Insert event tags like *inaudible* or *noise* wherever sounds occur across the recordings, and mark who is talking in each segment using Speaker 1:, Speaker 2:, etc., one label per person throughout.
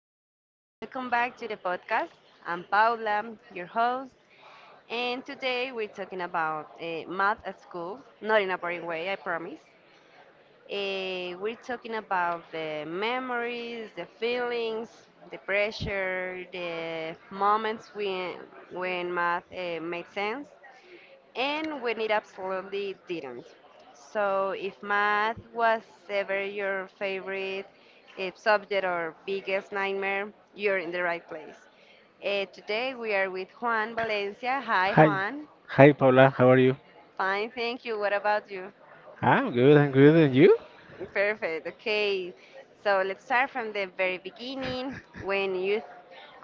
Speaker 1: welcome back to the podcast. I'm Paula, your host, and today we're talking about math at school, not in a boring way, I promise. We're talking about the memories, the feelings, the pressure, the moments when math made sense, and when it absolutely didn't. So, if math was ever your favorite subject or biggest nightmare, you're in the right place. Today we are with Juan Valencia. Hi,
Speaker 2: Hi.
Speaker 1: Juan.
Speaker 2: Hi, Paula. How are you?
Speaker 1: Fine, thank you. What about you?
Speaker 2: I'm good. And you?
Speaker 1: Perfect. Okay. So let's start from the very beginning, when you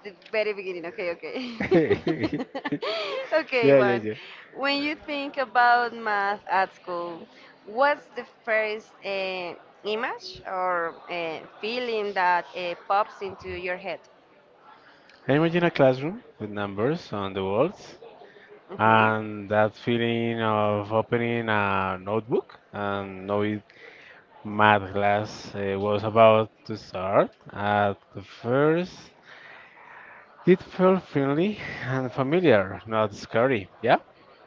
Speaker 1: the very beginning. Okay, okay.
Speaker 2: *laughs* yeah,
Speaker 1: *laughs* Okay, one.
Speaker 2: yeah.
Speaker 1: When you think about math at school, what's the first image or feeling that pops into your head?
Speaker 2: I imagine a classroom with numbers on the walls
Speaker 1: Mm-hmm.
Speaker 2: and that feeling of opening a notebook and knowing math class was about to start at the first. It felt friendly and familiar, not scary. Yeah?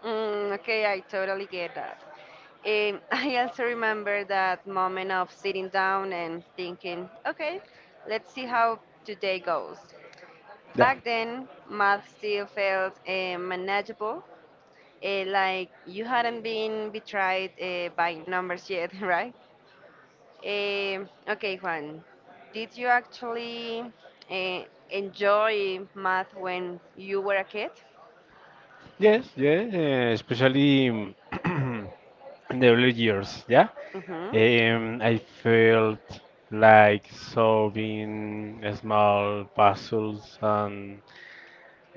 Speaker 1: Mm, okay, I totally get that. *laughs* I also remember that moment of sitting down and thinking, okay, let's see how today goes.
Speaker 2: Yeah.
Speaker 1: Back then, math still felt manageable, like you hadn't been betrayed by numbers yet, *laughs* right? Okay, Juan, did you actually uh, enjoy math when you were a kid?
Speaker 2: Yes, yes, especially *clears throat* in the early years, yeah.
Speaker 1: Hmm.
Speaker 2: I felt like solving small puzzles and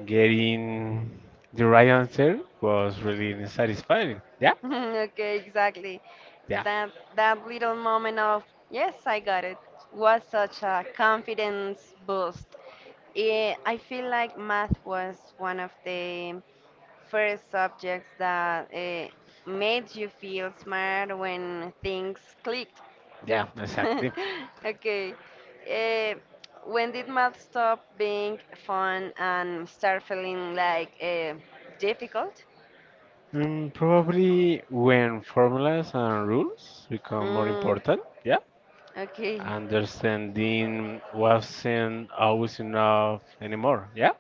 Speaker 2: getting the right answer was really satisfying, yeah.
Speaker 1: *laughs* Okay, exactly.
Speaker 2: Yeah.
Speaker 1: That that little moment of "yes, I got it" was such a confidence boost. I feel like math was one of the first subjects that made you feel smart when things clicked.
Speaker 2: Yeah, exactly.
Speaker 1: *laughs* Okay.
Speaker 2: *laughs*
Speaker 1: Eh, when did math stop being fun and start feeling like, difficult?
Speaker 2: Probably when formulas and rules become more
Speaker 1: Mm,
Speaker 2: important, yeah.
Speaker 1: okay.
Speaker 2: Understanding wasn't always enough anymore, yeah?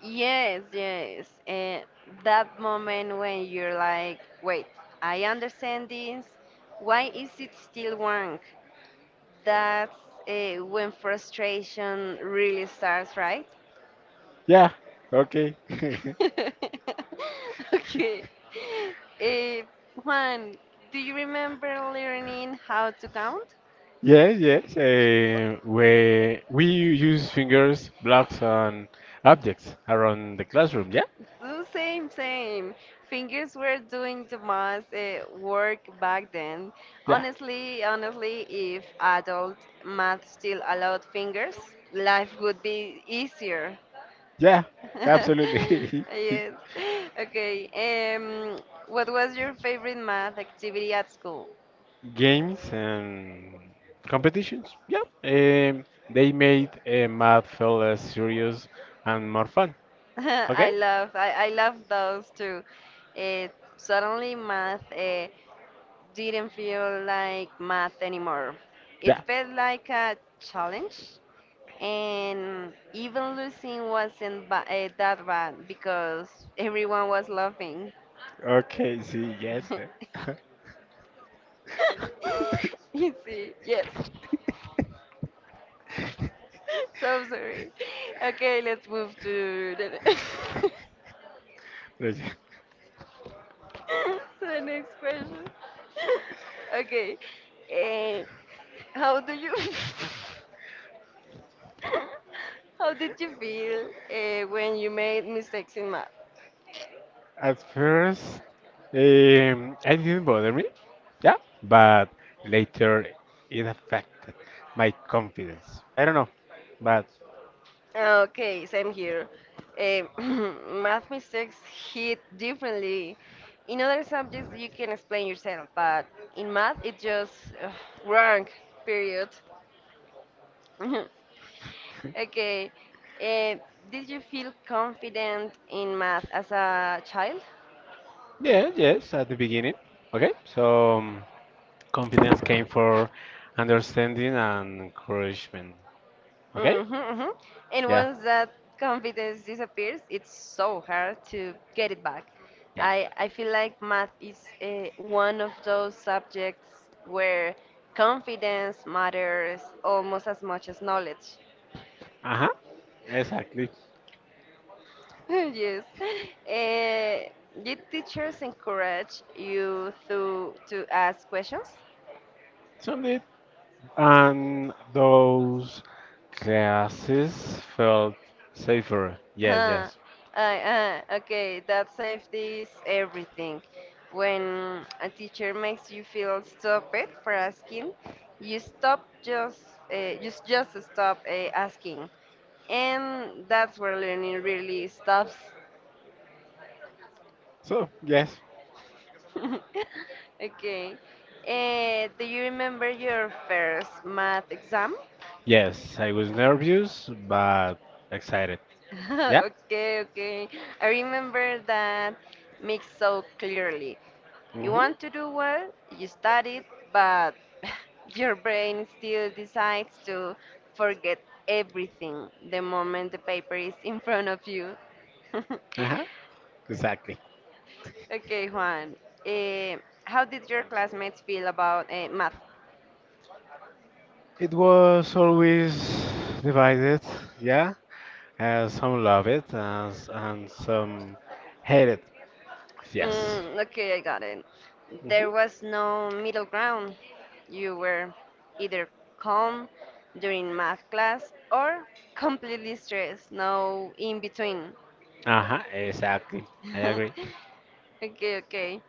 Speaker 1: Yes, yes. That moment when you're like, wait, I understand this. Why is it still wrong? That's, when frustration really starts, right?
Speaker 2: Yeah, okay. *laughs*
Speaker 1: *laughs* Okay. Eh, Juan, do you remember learning how to count?
Speaker 2: Yes, yes. Where we use fingers, blocks, and objects around the classroom, yeah?
Speaker 1: The same, same. Fingers were doing the most, work back then.
Speaker 2: Yeah.
Speaker 1: Honestly, if adult math still allowed fingers, life would be easier.
Speaker 2: Yeah.
Speaker 1: *laughs*
Speaker 2: Absolutely.
Speaker 1: Yes. Okay. What was your favorite math activity at school?
Speaker 2: *laughs* Games and competitions. Yeah, they made math feel less serious and more fun.
Speaker 1: *laughs*
Speaker 2: *laughs* Okay.
Speaker 1: I love those too. It suddenly math didn't feel like math anymore. It
Speaker 2: Yeah.
Speaker 1: felt like a challenge, and even losing wasn't that bad because everyone was laughing. *laughs*
Speaker 2: Okay. See. Yes. Eh.
Speaker 1: You see, yes.
Speaker 2: *laughs*
Speaker 1: *laughs* So sorry. Okay, let's move *laughs*
Speaker 2: Like,
Speaker 1: to the next question. *laughs* Okay. eh, How do you *laughs* how did you feel when you made mistakes in math?
Speaker 2: at first, it didn't bother me, yeah, but later it affected my confidence. I don't know, but
Speaker 1: Okay, same here. Eh, *clears throat* math mistakes hit differently. In other subjects, you can explain yourself, but in math, it's just, ugh, wrong, period. *laughs* Okay,
Speaker 2: *laughs*
Speaker 1: eh, did you feel confident in math as a child?
Speaker 2: Yeah, yes, at the beginning. Okay, so um, Confidence came for understanding and encouragement. Okay.
Speaker 1: Mm-hmm, mm-hmm. And
Speaker 2: Yeah.
Speaker 1: once that confidence disappears, it's so hard to get it back.
Speaker 2: Yeah.
Speaker 1: I feel like math is one of those subjects where confidence matters almost as much as knowledge.
Speaker 2: Uh-huh. Exactly.
Speaker 1: *laughs* Yes. Did teachers encourage you to ask questions?
Speaker 2: So neat. And those classes felt safer. Yes,
Speaker 1: Huh?
Speaker 2: yes.
Speaker 1: Okay, that safety is everything. When a teacher makes you feel stupid for asking, you stop just, just stop asking, and that's where learning really stops. *laughs*
Speaker 2: So, yes.
Speaker 1: Okay, do you remember your first math exam?
Speaker 2: Yes, I was nervous but excited. *laughs*
Speaker 1: *laughs*
Speaker 2: Yeah?
Speaker 1: Okay, okay. I remember that mix so clearly. You
Speaker 2: Hmm.
Speaker 1: want to do well, you study, but *laughs* your brain still decides to forget everything the moment the paper is in front of you.
Speaker 2: Uh-huh. Exactly.
Speaker 1: *laughs* Okay, Juan. Eh, how did your classmates feel about, math?
Speaker 2: It was always divided, yeah. Some love it, and some hate it. Yes.
Speaker 1: Mm, okay, I got it.
Speaker 2: Mhm.
Speaker 1: There was no middle ground. You were either calm during math class or completely stressed, no in between.
Speaker 2: Uh-huh, exactly. I agree.
Speaker 1: *laughs* Okay, okay.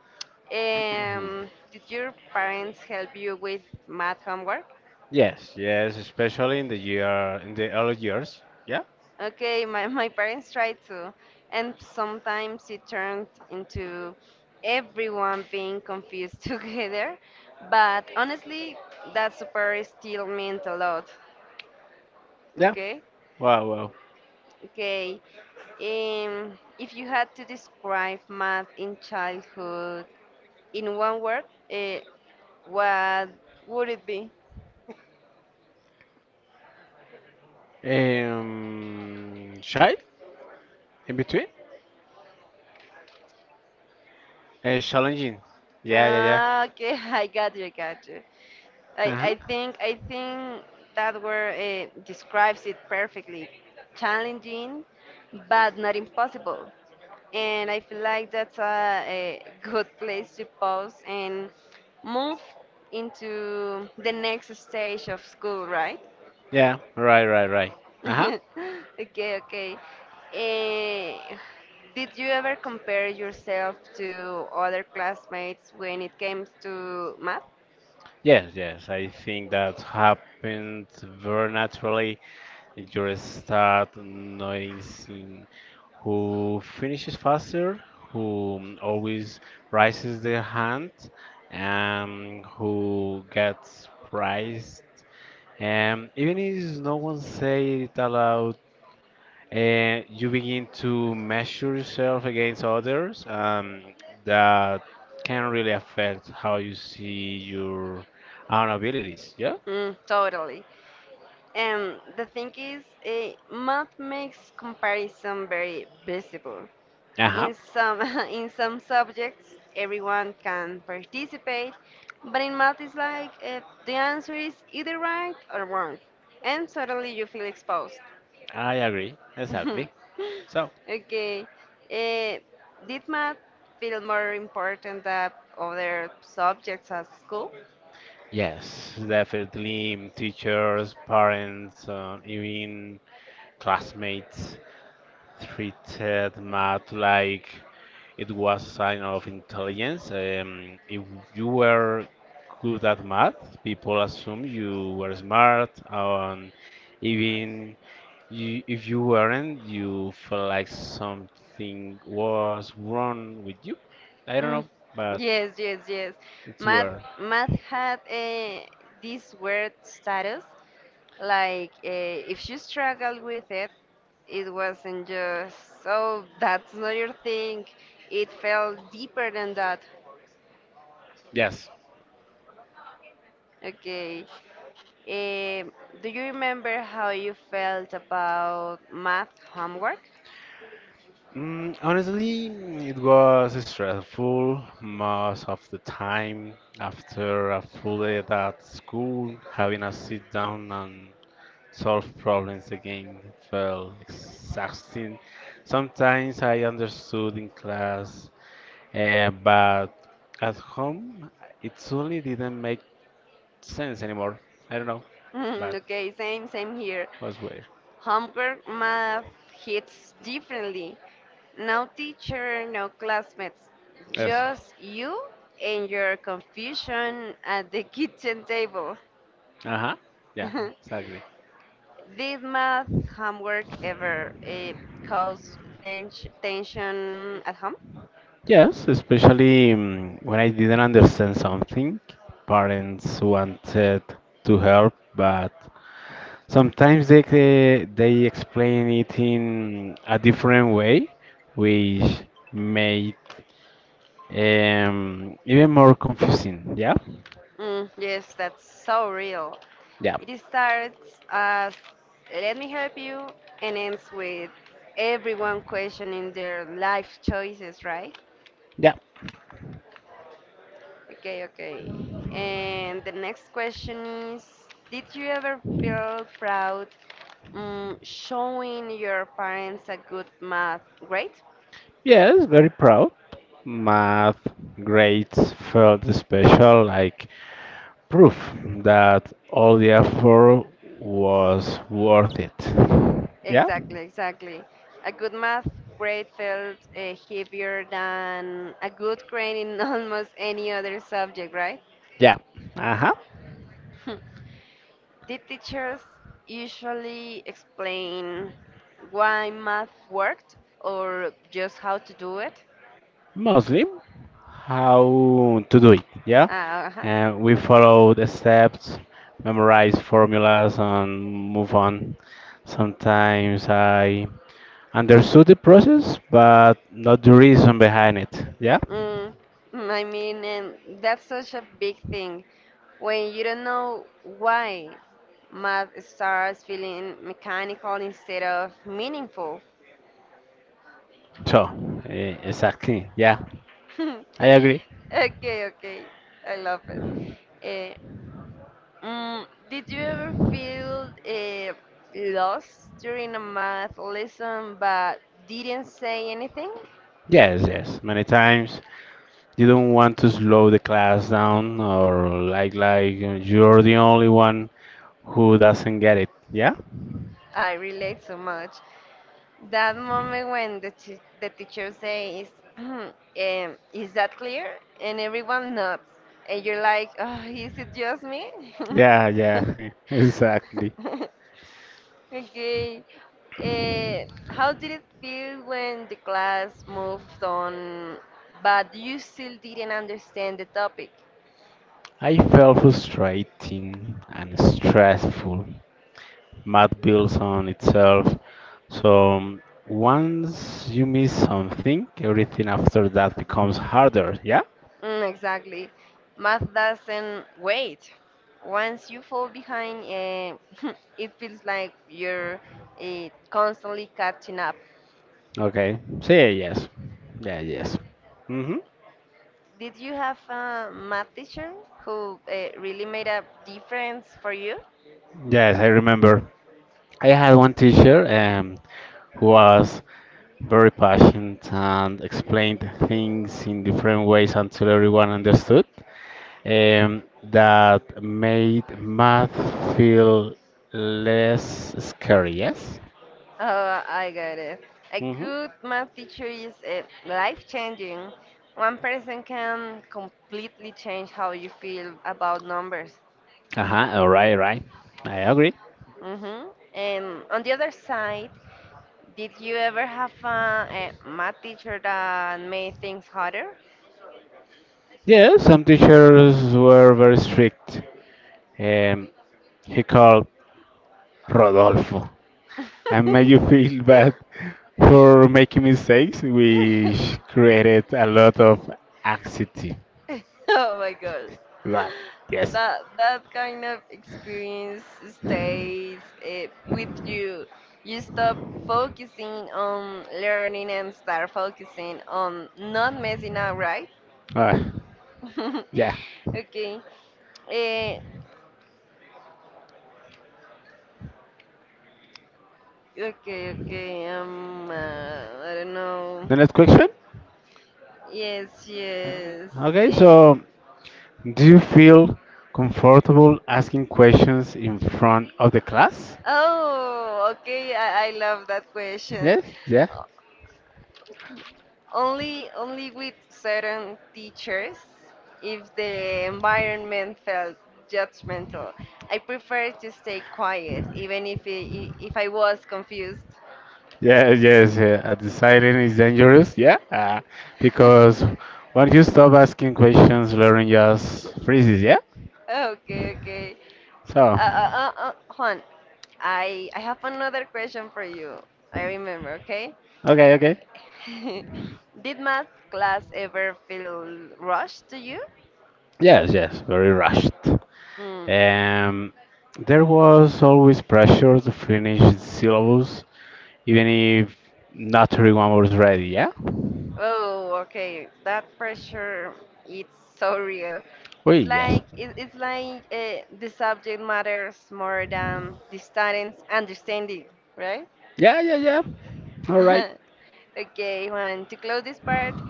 Speaker 1: Did your parents help you with math homework?
Speaker 2: Yes, yes, especially in the early years. Yeah,
Speaker 1: Okay, my parents tried to, and sometimes it turned into everyone being confused *laughs* together. But honestly, that super still meant a lot.
Speaker 2: yeah.
Speaker 1: Okay,
Speaker 2: Wow, wow.
Speaker 1: okay. Um, if you had to describe math in childhood in one word, uh, what would it be?
Speaker 2: Shy in between? Challenging. Yeah, yeah, yeah.
Speaker 1: Ah, okay,
Speaker 2: *laughs*
Speaker 1: *laughs* I got you, I got you. I,
Speaker 2: Uh-huh.
Speaker 1: I think I think that word describes it perfectly. Challenging, but not impossible. And I feel like that's a good place to pause and move into the next stage of school, right?
Speaker 2: Yeah, right, right, right. Uh-huh.
Speaker 1: *laughs* Okay, okay. Eh, did you ever compare yourself to other classmates when it came to math?
Speaker 2: Yes, yes. I think that happened very naturally. You start noticing who finishes faster, who always raises their hand, and who gets prized. And even if no one says it aloud, you begin to measure yourself against others. That can really affect how you see your own abilities. Yeah.
Speaker 1: Mm, totally. And the thing is, math makes comparison very visible.
Speaker 2: Uh huh.
Speaker 1: In some *laughs* in some subjects, everyone can participate, but in math, it's like, the answer is either right or wrong, and suddenly you feel exposed. *laughs*
Speaker 2: I agree. Exactly. So,
Speaker 1: Okay. Eh, did math feel more important than other subjects at school?
Speaker 2: yes, definitely teachers, parents, even classmates treated math like it was a sign of intelligence. If you were good at math, people assume you were smart, and even you, if you weren't, you felt like something was wrong with you. I don't
Speaker 1: Mm,
Speaker 2: know, but
Speaker 1: yes, yes, yes.
Speaker 2: Yes, it's
Speaker 1: Math,
Speaker 2: weird.
Speaker 1: math had this weird status. Like, if you struggled with it, it wasn't just, oh, that's not your thing. It felt deeper than that.
Speaker 2: Yes.
Speaker 1: Okay. Um, do you remember how you felt about math homework? *laughs*
Speaker 2: Honestly, it was stressful most of the time. After a full day at school, having a sit down and solve problems again felt exhausting. Sometimes I understood in class, uh, but at home, it suddenly didn't make sense anymore. I don't know, but
Speaker 1: Okay, same, same here.
Speaker 2: Was weird.
Speaker 1: Homework math hits differently. No teacher, no classmates.
Speaker 2: Yes.
Speaker 1: Just you and your confusion at the kitchen table.
Speaker 2: Uh huh. Yeah, exactly.
Speaker 1: *laughs* Did math homework ever, cause tension at home?
Speaker 2: Yes, especially when I didn't understand something. Parents wanted to help, but sometimes they explain it in a different way, which made even more confusing. Yeah,
Speaker 1: Mm, yes, that's so real.
Speaker 2: yeah,
Speaker 1: It starts as "let me help you" and ends with everyone questioning their life choices, right?
Speaker 2: yeah.
Speaker 1: Okay, okay. And the next question is, did you ever feel proud showing your parents a good math grade?
Speaker 2: Yes, very proud. Math grades felt special, like proof that all the effort was worth it. Yeah?
Speaker 1: Exactly, exactly. A good math grade felt heavier than a good grade in *laughs* almost any other subject, right? *laughs*
Speaker 2: Yeah. Uh huh.
Speaker 1: Hmm. Did teachers usually explain why math worked or just how to do it?
Speaker 2: Mostly how to do it. Yeah,
Speaker 1: Ah, uh-huh.
Speaker 2: and we follow the steps, memorize formulas, and move on. Sometimes I understood the process, but not the reason behind it. Yeah,
Speaker 1: Mm, mm, I mean, and that's such a big thing. When you don't know why, math starts feeling mechanical instead of meaningful.
Speaker 2: so exactly. Yeah, I
Speaker 1: *laughs*
Speaker 2: agree.
Speaker 1: Okay, okay. I love it. Eh, did you ever feel lost during a math lesson but didn't say anything?
Speaker 2: Yes, yes. Many times you don't want to slow the class down, or like you're the only one who doesn't get it. Yeah,
Speaker 1: I relate so much. That moment when the teacher says, *clears throat* um, is that clear? And everyone nods. And you're like, oh, is it just me?
Speaker 2: yeah, yeah. *laughs* Exactly.
Speaker 1: *laughs* Okay. How did it feel when the class moved on, but you still didn't understand the topic?
Speaker 2: I felt frustrating and stressful. Math builds on itself. So once you miss something, everything after that becomes harder. Yeah?
Speaker 1: Mm, exactly. Math doesn't wait. Once you fall behind, *laughs* it feels like you're, constantly catching up.
Speaker 2: Okay. Say yes. Yeah, yes. Mm-hmm.
Speaker 1: Did you have a math teacher who, really made a difference for you?
Speaker 2: Yes, I remember. I had one teacher who was very patient and explained things in different ways until everyone understood. That made math feel less scary, yes?
Speaker 1: Oh, I got it. A
Speaker 2: Hmm.
Speaker 1: good math teacher is life changing. One person can completely change how you feel about numbers.
Speaker 2: Uh-huh, all right, right. I agree.
Speaker 1: Hmm. And on the other side, did you ever have a math teacher that made things harder?
Speaker 2: Yeah, some teachers were very strict. Um, he called Rodolfo and made you
Speaker 1: *laughs*
Speaker 2: feel *laughs* bad for making mistakes, which created a lot of anxiety.
Speaker 1: Oh my god.
Speaker 2: Right. Yes.
Speaker 1: That kind of experience stays, with you. You stop focusing on learning and start focusing on not messing up, right?
Speaker 2: Uh,
Speaker 1: *laughs*
Speaker 2: yeah.
Speaker 1: Okay. Eh, okay, okay. I don't know.
Speaker 2: The next question.
Speaker 1: Yes, yes.
Speaker 2: Okay,
Speaker 1: Eh.
Speaker 2: so do you feel comfortable asking questions in front of the class?
Speaker 1: Oh, okay. I love that question.
Speaker 2: Yes, yeah.
Speaker 1: O- only with certain teachers, if the environment felt judgmental. I prefer to stay quiet, even if I was confused.
Speaker 2: Yeah, yes, yeah. At the silent is dangerous, yeah,
Speaker 1: *laughs*
Speaker 2: because once you stop asking questions, learning just freezes, yeah?
Speaker 1: Okay, okay.
Speaker 2: So,
Speaker 1: Uh, Juan, I have another question for you. I remember, okay?
Speaker 2: okay, okay.
Speaker 1: *laughs* Did math class ever feel rushed to you?
Speaker 2: Yes, yes, very rushed.
Speaker 1: Mm.
Speaker 2: Um, there was always pressure to finish the syllabus, even if not everyone was ready, yeah?
Speaker 1: Oh, okay. That pressure, it's so real.
Speaker 2: Oh
Speaker 1: It's
Speaker 2: yes.
Speaker 1: like it's like the subject matters more than the student's understanding, right?
Speaker 2: Yeah, yeah, yeah. All right.
Speaker 1: *laughs* Okay, Juan, to close this part,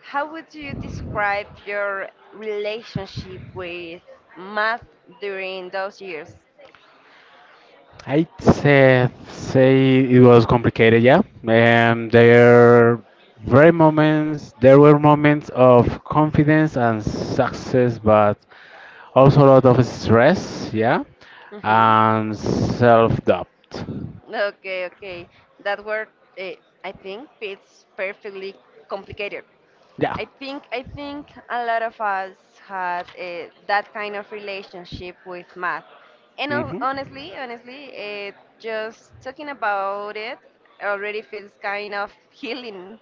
Speaker 1: how would you describe your relationship with math during those years?
Speaker 2: Yeah. I'd say it was complicated, yeah. And there very moments there were moments of confidence and success, but also a lot of stress, yeah,
Speaker 1: Mm-hmm.
Speaker 2: and self-doubt.
Speaker 1: Okay, okay. That word, uh, I think, fits perfectly — complicated.
Speaker 2: Yeah.
Speaker 1: I think a lot of us had that kind of relationship with math, and
Speaker 2: Mhm.
Speaker 1: just talking about it already feels kind of healing.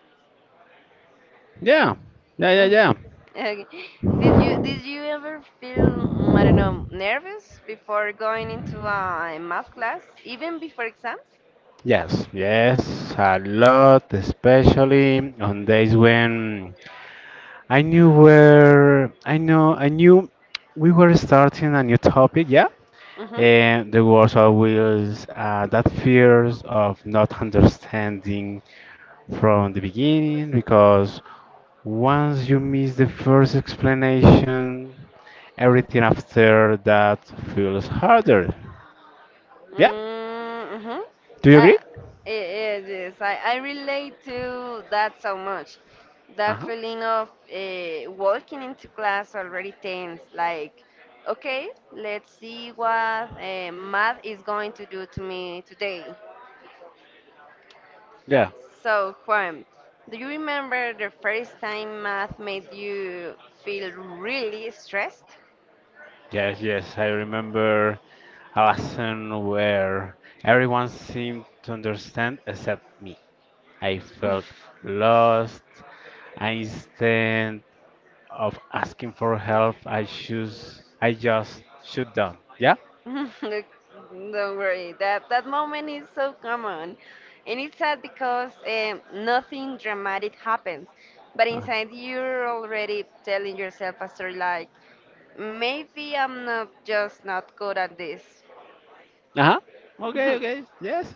Speaker 2: Yeah, yeah, yeah,
Speaker 1: Mm.
Speaker 2: yeah.
Speaker 1: *laughs* Okay. Did you ever feel, I don't know, nervous before going into a math class, even before exams?
Speaker 2: Yes, yes, a lot, especially on days when I knew where I know I knew we were starting a new topic. Yeah.
Speaker 1: Mm-hmm.
Speaker 2: And the words are wheels that fears of not understanding from the beginning, because once you miss the first explanation, everything after that feels harder. Yeah?
Speaker 1: Mm-hmm.
Speaker 2: Do you
Speaker 1: Uh,
Speaker 2: agree?
Speaker 1: yes, I relate to that so much. That
Speaker 2: Uh-huh.
Speaker 1: feeling of walking into class already tense, like, okay, let's see what math is going to do to me today.
Speaker 2: Yeah.
Speaker 1: So, Juan, do you remember the first time math made you feel really stressed?
Speaker 2: Yes, yes. I remember a lesson where everyone seemed to understand except me. I felt
Speaker 1: *laughs*
Speaker 2: lost, and instead of asking for help, I just shut down. Yeah?
Speaker 1: *laughs* Look, don't worry. That moment is so common, and it's sad because nothing dramatic happens, but
Speaker 2: Uh
Speaker 1: inside you're already telling yourself a story like, maybe I'm not just not good at this.
Speaker 2: huh. Okay, okay. Yes.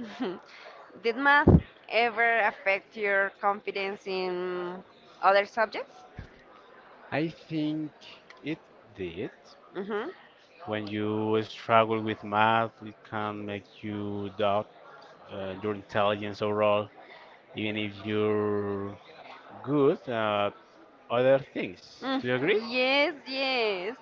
Speaker 1: *laughs* Did math ever affect your confidence in other subjects?
Speaker 2: I think it did.
Speaker 1: Mm-hmm.
Speaker 2: When you struggle with math, it can make you doubt your intelligence overall, even if you're good at other things.
Speaker 1: Mm,
Speaker 2: Do you agree?
Speaker 1: yes, yes.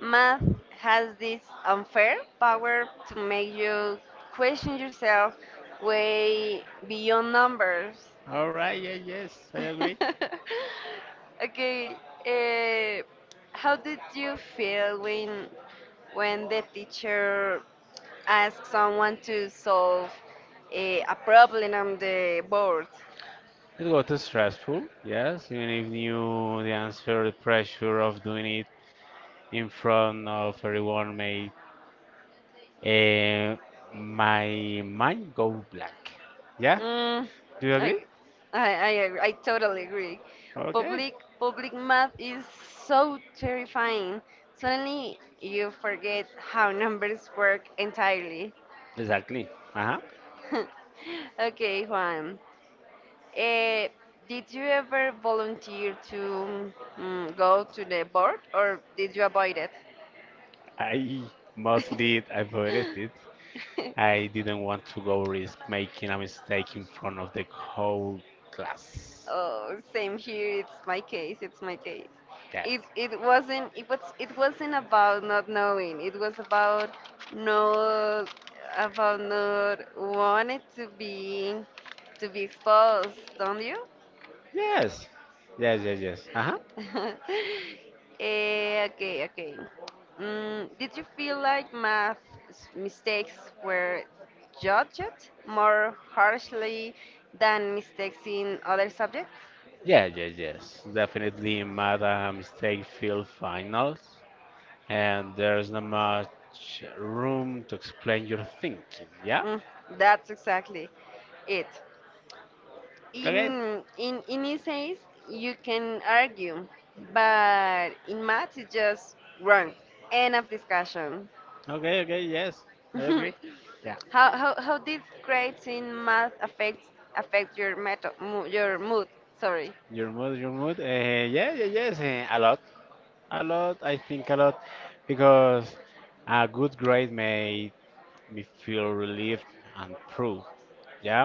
Speaker 1: Math has this unfair power to make you question yourself way beyond numbers.
Speaker 2: All right, yeah, yes, I agree.
Speaker 1: *laughs* Okay, uh, how did you feel when, the teacher asked someone to solve a problem on the board?
Speaker 2: It got too stressful, yes. Even if you knew the answer, the pressure of doing it in front of everyone made, Eh, my mind go blank. Yeah?
Speaker 1: Mm,
Speaker 2: Do you agree?
Speaker 1: I, I totally agree.
Speaker 2: Okay.
Speaker 1: Public public math is so terrifying. Suddenly you forget how *laughs* numbers work entirely.
Speaker 2: Exactly. Uh-huh.
Speaker 1: *laughs* Okay, Juan. Eh, did you ever volunteer to, go to the board or did you avoid it?
Speaker 2: I mostly avoided it. I didn't want to go risk making a mistake in front of the whole
Speaker 1: *laughs*
Speaker 2: class.
Speaker 1: Oh, same here. It's my case. It's my case.
Speaker 2: Yes.
Speaker 1: It wasn't about not knowing. It was about, not about not wanting to be exposed, don't you?
Speaker 2: Yes. Yes, yes, yes. Uh-huh.
Speaker 1: *laughs* Okay, okay. Mm, did you feel like math mistakes were judged more harshly than mistakes in other subjects?
Speaker 2: Yeah, yes, yes. Definitely Madam Mistake Field Finals. And there's not much room to explain your thinking. Yeah?
Speaker 1: Mm, that's exactly it.
Speaker 2: Okay.
Speaker 1: In essays you can argue, but in math it's just wrong. End of discussion.
Speaker 2: Okay, okay, yes. I
Speaker 1: *laughs*
Speaker 2: agree. Yeah.
Speaker 1: how, how did grades in math affect your your mood? Sorry.
Speaker 2: Your mood, your mood. Yeah, yeah, yes. A lot. A lot. I think a lot. Because a good grade may me feel relieved and proud. Yeah,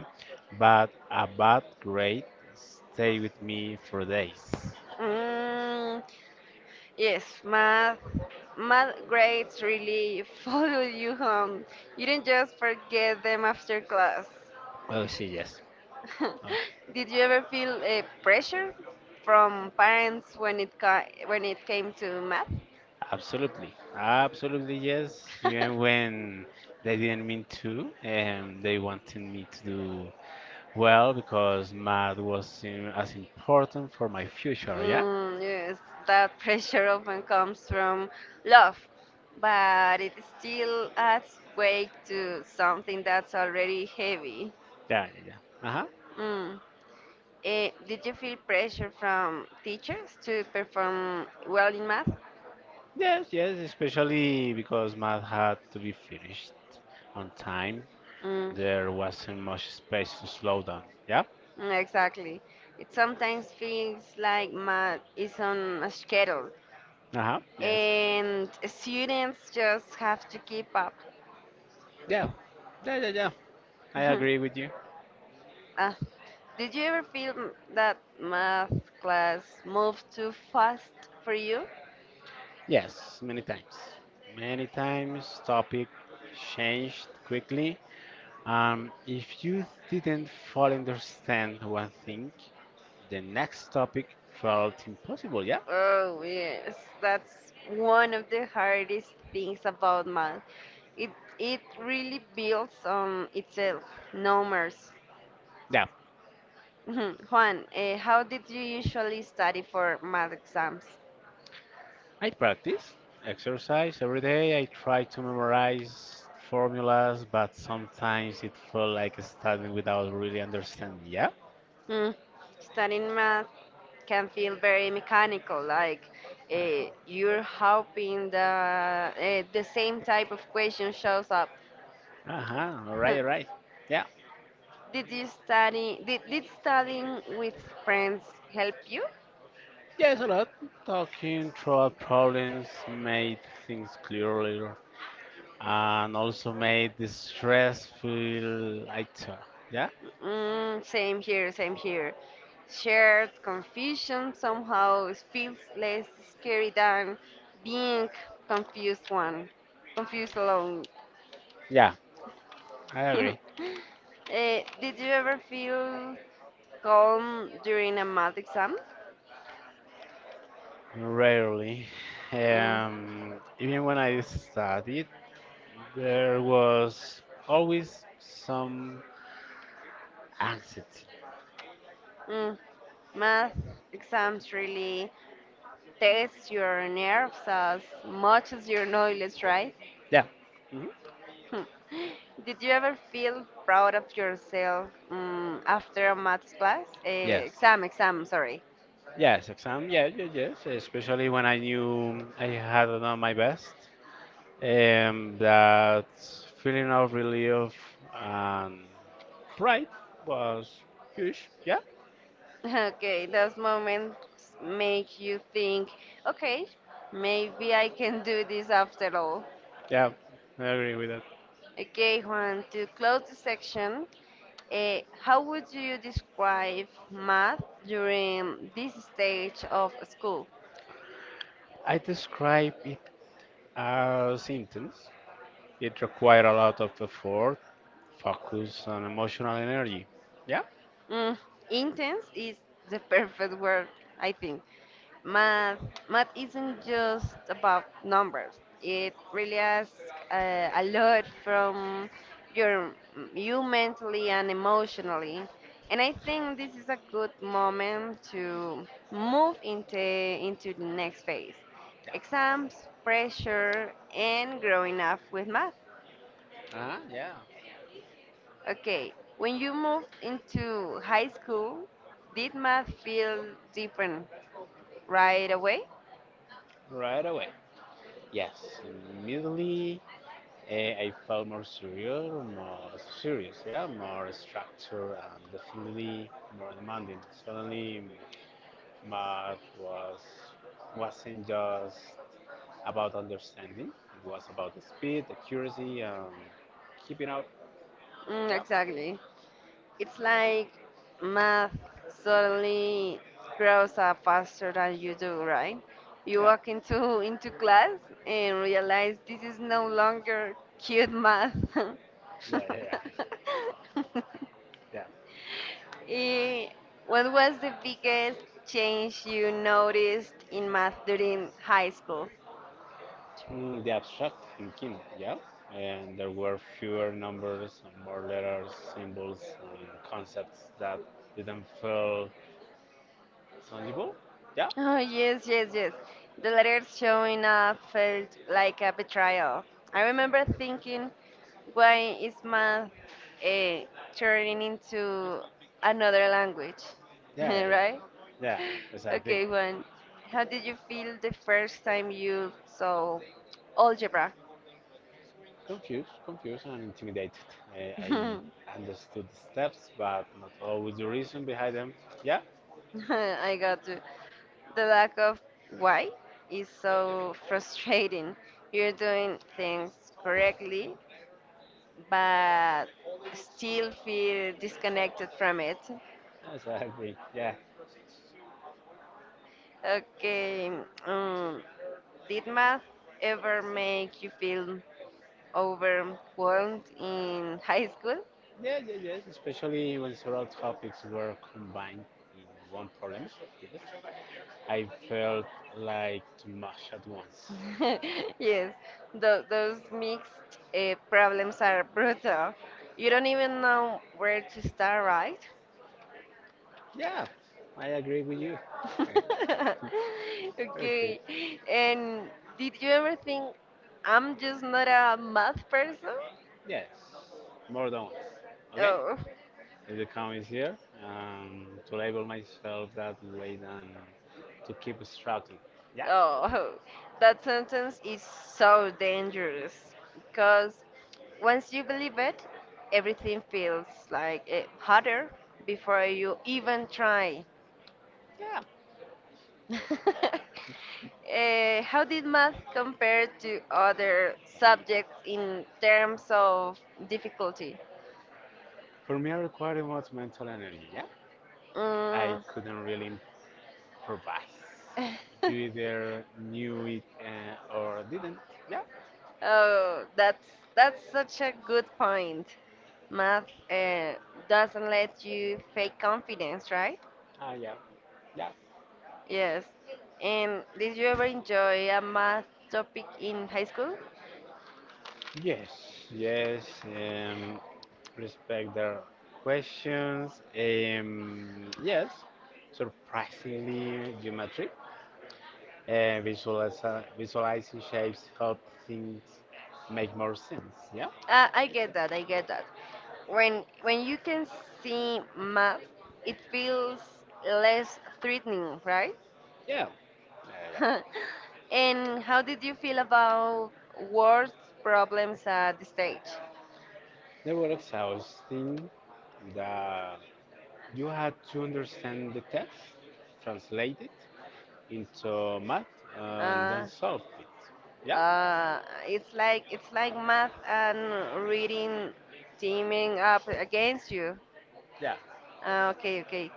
Speaker 2: but a bad grade stay with me for days.
Speaker 1: Mm, yes, math grades really *laughs* follow you home. You didn't just forget them after class.
Speaker 2: Oh, she yes. Oh,
Speaker 1: *laughs* Did you ever feel pressure from parents when it when it came to math?
Speaker 2: absolutely. Absolutely yes. Even
Speaker 1: *laughs*
Speaker 2: when they didn't mean to, they wanted me to do well because math was im- as important for my future, yeah?
Speaker 1: Mm, yes, that pressure often comes from love, but it still adds weight to something that's already heavy.
Speaker 2: Yeah, yeah, yeah. Uh-huh.
Speaker 1: Mm. Eh, did you feel pressure from teachers to perform well in math?
Speaker 2: Yes, yes, especially because math had to be finished on time.
Speaker 1: Mm,
Speaker 2: There wasn't much space to slow down. Yeah?
Speaker 1: mm, exactly. It sometimes feels like math is on a schedule
Speaker 2: Uh huh. Yes.
Speaker 1: and students just have to keep up.
Speaker 2: Yeah. Yeah, yeah, yeah. I agree with
Speaker 1: *laughs*
Speaker 2: you.
Speaker 1: Ah, did you ever feel that math class moved too fast for you?
Speaker 2: Yes, many times. Many times topic changed quickly. If you didn't fully understand one thing, the next topic felt impossible. Yeah?
Speaker 1: Oh, yes, that's one of the hardest things about math. It it really builds on itself, numbers.
Speaker 2: Yeah.
Speaker 1: Mhm. *laughs* Juan, eh, how did you usually study for math exams?
Speaker 2: I practice exercise every day. I try to memorize formulas, but sometimes it felt like studying without really understanding. Yeah.
Speaker 1: Hmm, studying math can feel very mechanical, like
Speaker 2: I-
Speaker 1: you're hoping that the same type of question shows up.
Speaker 2: uh-huh. All right, all right.
Speaker 1: *laughs*
Speaker 2: Yeah.
Speaker 1: Did studying with friends help you?
Speaker 2: Yes, a lot. Talking throughout problems made things clearer and also made the stress feel lighter. Yeah?
Speaker 1: Mm, same here, same here. Shared confusion somehow feels less scary than being confused one, confused alone.
Speaker 2: Yeah, I agree.
Speaker 1: *laughs* Eh, did you ever feel calm during a math exam?
Speaker 2: Rarely.
Speaker 1: Mm,
Speaker 2: Even when I studied, there was always some anxiety.
Speaker 1: mm. Math exams really test your nerves as much as your knowledge, right?
Speaker 2: Yeah. Mhm.
Speaker 1: *laughs* Did you ever feel proud of yourself, mm, after a math class?
Speaker 2: Yes.
Speaker 1: Eh, exam, sorry.
Speaker 2: Yes, exam. Yeah, yeah, yes. Especially when I knew I had done my best. That feeling of relief and pride was huge. Yeah.
Speaker 1: *laughs* Okay, those moments make you think, okay, maybe I can do this after all.
Speaker 2: Yeah, I agree with that.
Speaker 1: Okay, Juan, to close the section, eh, how would you describe math during this stage of school?
Speaker 2: I describe it are symptoms. It requires a lot of effort, focus, and emotional energy. Yeah?
Speaker 1: Mm, intense is the *laughs* perfect word, I think. Math, math isn't just about numbers. It really asks a lot from your you mentally and emotionally. And I think this is a good moment to move into the next phase.
Speaker 2: Yeah.
Speaker 1: Exams, pressure, and growing up with math.
Speaker 2: Ah, yeah.
Speaker 1: Okay, when you moved into high school, did math feel different right away?
Speaker 2: Right away. Yes. Immediately, I felt more serious, yeah, more structured, and definitely more demanding. Suddenly, Math was wasn't just about understanding. It was about the speed, accuracy, keeping up.
Speaker 1: Mm,
Speaker 2: Yeah.
Speaker 1: exactly. It's like math suddenly grows up faster than you do, right? You
Speaker 2: Yeah,
Speaker 1: walk into class and realize this is no longer cute math.
Speaker 2: yeah,
Speaker 1: *laughs*
Speaker 2: yeah, yeah.
Speaker 1: Eh, what was the biggest change you noticed in math during high school?
Speaker 2: Mm, the abstract thinking. Yeah, and there were fewer numbers and more letters, symbols, and concepts that didn't feel tangible. Yeah,
Speaker 1: Oh, yes, yes, yes. The letters showing up felt like a betrayal. I remember thinking, why is math, eh, turning into another language? *laughs*
Speaker 2: yeah, yeah, yeah,
Speaker 1: right?
Speaker 2: yeah. Exactly.
Speaker 1: Okay, Juan. How did you feel the first time you saw algebra?
Speaker 2: Confused and intimidated.
Speaker 1: *laughs*
Speaker 2: I,
Speaker 1: I
Speaker 2: I understood the steps, but not always the reason behind them. Yeah,
Speaker 1: got to. The lack of why is so frustrating. You're doing things correctly, but still feel disconnected from it.
Speaker 2: exactly. Yeah,
Speaker 1: Okay, um, did math ever make you feel overwhelmed in high school?
Speaker 2: yeah, yeah, yes. Especially when several topics were combined in one problem. Yes, I felt like too much at once.
Speaker 1: *laughs* yes, those mixed problems are *laughs* brutal. You don't even know where to start, right?
Speaker 2: Yeah, I agree with you.
Speaker 1: *laughs*
Speaker 2: *laughs* Okay.
Speaker 1: okay, and did you ever think I'm just not a math person?
Speaker 2: Yes, more than once. Okay?
Speaker 1: Oh.
Speaker 2: If the comment is here, to label myself that way than to keep struggling. Yeah?
Speaker 1: Oh, *laughs* that sentence is so dangerous because once you believe it, everything feels like, harder before you even try.
Speaker 2: Yeah.
Speaker 1: *laughs* Eh, how did math compare to other subjects in terms of difficulty?
Speaker 2: For me, I required much mental energy. Yeah? I
Speaker 1: Mm.
Speaker 2: couldn't really improvise. You
Speaker 1: *laughs*
Speaker 2: either knew it or didn't. Yeah?
Speaker 1: Oh, that's such a good point. Math, uh, doesn't let you fake confidence, right?
Speaker 2: Ah, yeah. Yeah.
Speaker 1: Yes. And did you ever enjoy a math topic in high school?
Speaker 2: Yes, yes. Respect their questions. Yes, surprisingly geometric. Uh, visualize, visualizing shapes help things make more sense. Yeah,
Speaker 1: I get that. I get that. When you can see math, it feels less threatening, right?
Speaker 2: yeah, yeah, yeah.
Speaker 1: *laughs* And how did you feel about words problems at the stage?
Speaker 2: They were exhausting. The, you had to understand the text, translate it into math, and then
Speaker 1: Uh,
Speaker 2: solved it. Yeah?
Speaker 1: Uh, it's like math and reading teaming up against you.
Speaker 2: Yeah.
Speaker 1: Okay, okay.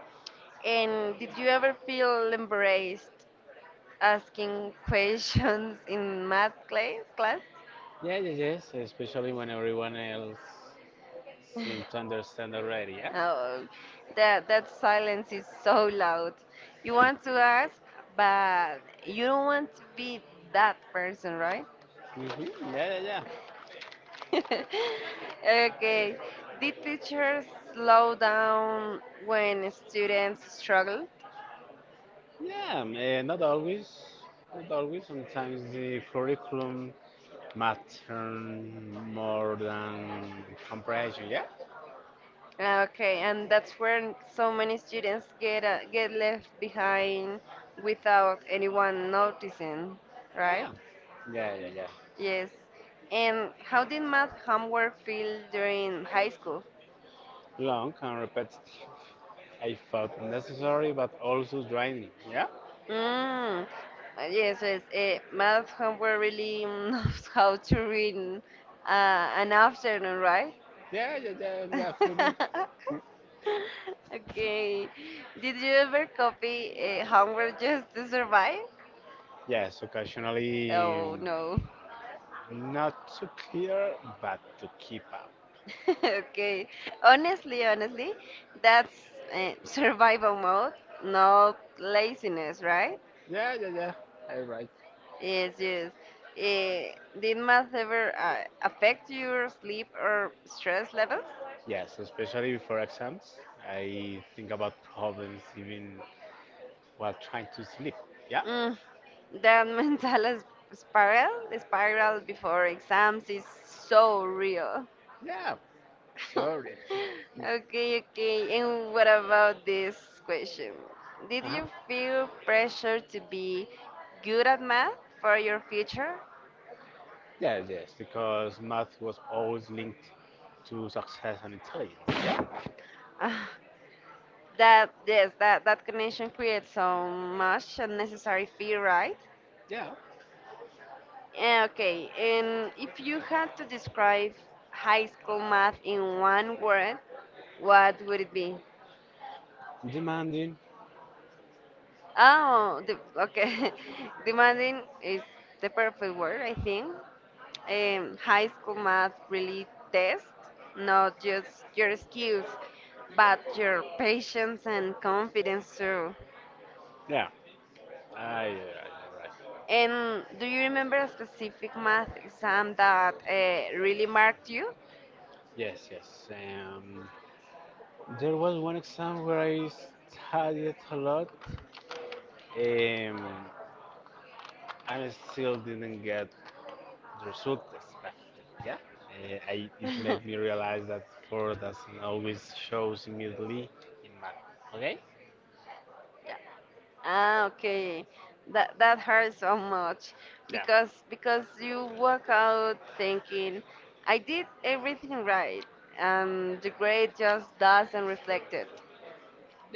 Speaker 1: And did you ever feel embarrassed asking questions *laughs* in math class?
Speaker 2: Yeah, yeah, yes, especially when everyone else seems to understand already, yeah?
Speaker 1: Oh, that silence is so loud. You want to
Speaker 2: Wait.
Speaker 1: ask, but you don't want to be that person, right?
Speaker 2: Right? Hmm. Yeah, yeah, yeah.
Speaker 1: *laughs* Okay. Did teachers slow down when students struggled?
Speaker 2: Yeah, not always. Not always. Sometimes the curriculum Mattern more than compression. Yeah,
Speaker 1: Okay, and that's where so many students get, get left behind without anyone noticing,
Speaker 2: yeah,
Speaker 1: right?
Speaker 2: yeah, yeah, yeah.
Speaker 1: Yes. And how did math homework feel during high school?
Speaker 2: Long and repetitive. I felt necessary, but also draining. Yeah,
Speaker 1: Mm. Yes, yes. Math homework really, mm, *laughs* knows how to read an afternoon, right?
Speaker 2: yeah, yeah, yeah. Definitely.
Speaker 1: *laughs* Okay. Did you ever copy homework just to survive?
Speaker 2: Yes, occasionally
Speaker 1: Oh no.
Speaker 2: not too clear, but to keep up.
Speaker 1: *laughs* Okay. Honestly, honestly, that's, survival mode, not laziness, right?
Speaker 2: Yeah, yeah, yeah.
Speaker 1: Yes, yes. Eh, did math ever, affect your sleep or stress levels?
Speaker 2: Yes, especially before exams, I think about problems even while trying to sleep. Yeah,
Speaker 1: Mm, that *laughs* mental spiral, spiral before exams is so real.
Speaker 2: yeah. Sorry.
Speaker 1: *laughs*
Speaker 2: Okay.
Speaker 1: Okay, okay. And what about this question?
Speaker 2: Uh
Speaker 1: Did
Speaker 2: huh.
Speaker 1: you feel pressure to be good at math for your future?
Speaker 2: Yes, yes, because math was always linked to success and intelligence. Yeah,
Speaker 1: Ah, that yes, that connection creates so much unnecessary fear, right?
Speaker 2: yeah.
Speaker 1: Eh, okay. And if you had to describe high school math in one word, what would it be?
Speaker 2: Demanding.
Speaker 1: Oh, the, okay. *laughs* Demanding is the perfect word, I think. Um, high school math really test not just your skills but your patience and confidence too.
Speaker 2: Yeah, all right, all right.
Speaker 1: And do you remember a specific math exam that, really marked you?
Speaker 2: Yes, yes. There was one exam where I studied a lot, and I still didn't get the result expected. Yeah. It made me realize
Speaker 1: *laughs*
Speaker 2: that four doesn't always shows immediately in math. Okay?
Speaker 1: Yeah. Ah, okay. That hurts so much
Speaker 2: Yeah.
Speaker 1: because you walk out thinking I did everything right and the grade just doesn't reflect it.
Speaker 2: Yeah.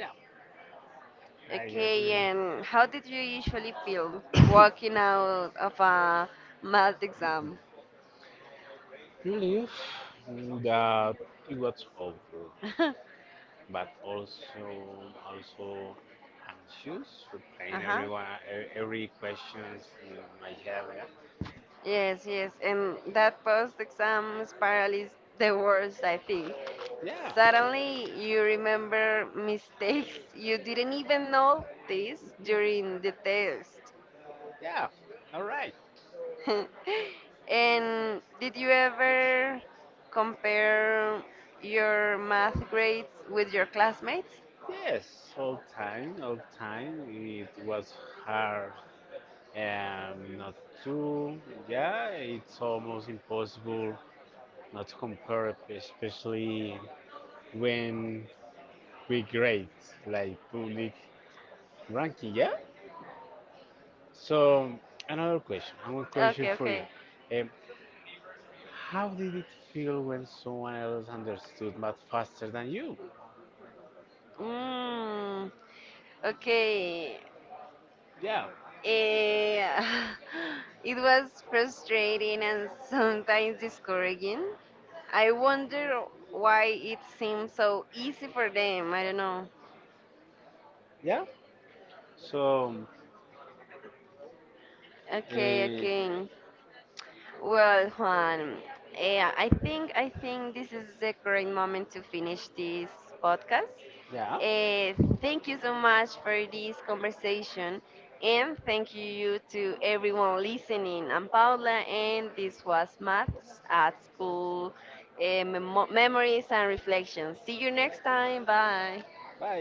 Speaker 2: I
Speaker 1: Okay,
Speaker 2: agree.
Speaker 1: and how did you usually feel walking out of a math exam?
Speaker 2: Believe that it was over,
Speaker 1: *laughs*
Speaker 2: but also anxious for playing
Speaker 1: Uh-huh.
Speaker 2: everyone every questions in my head.
Speaker 1: Yes, yes, and that post-exam spiral is the worst, I think.
Speaker 2: Yeah.
Speaker 1: Suddenly, you remember mistakes *laughs* you didn't even notice during the test.
Speaker 2: Yeah. All right.
Speaker 1: *laughs* And did you ever compare your math grades with your classmates?
Speaker 2: Yes. All time. All time. It was hard. Not to. Yeah. It's almost impossible not compared, especially when we grade like public ranking, yeah? So, another question, and one question
Speaker 1: Okay,
Speaker 2: for you.
Speaker 1: okay.
Speaker 2: Um, how did it feel when someone else understood math faster than you?
Speaker 1: Mm, okay.
Speaker 2: Yeah,
Speaker 1: Eh, *laughs* it was frustrating and sometimes discouraging. I wonder why it seems so easy for them. I don't know.
Speaker 2: yeah. So,
Speaker 1: Okay,
Speaker 2: um,
Speaker 1: okay. Well, Juan, eh, I think this is the correct moment to finish this podcast.
Speaker 2: yeah.
Speaker 1: Uh, thank you so much for this conversation, and thank you to everyone listening. I'm Paula, and this was Maths at School, Memories and Reflections. See you next time. Bye.
Speaker 2: Bye.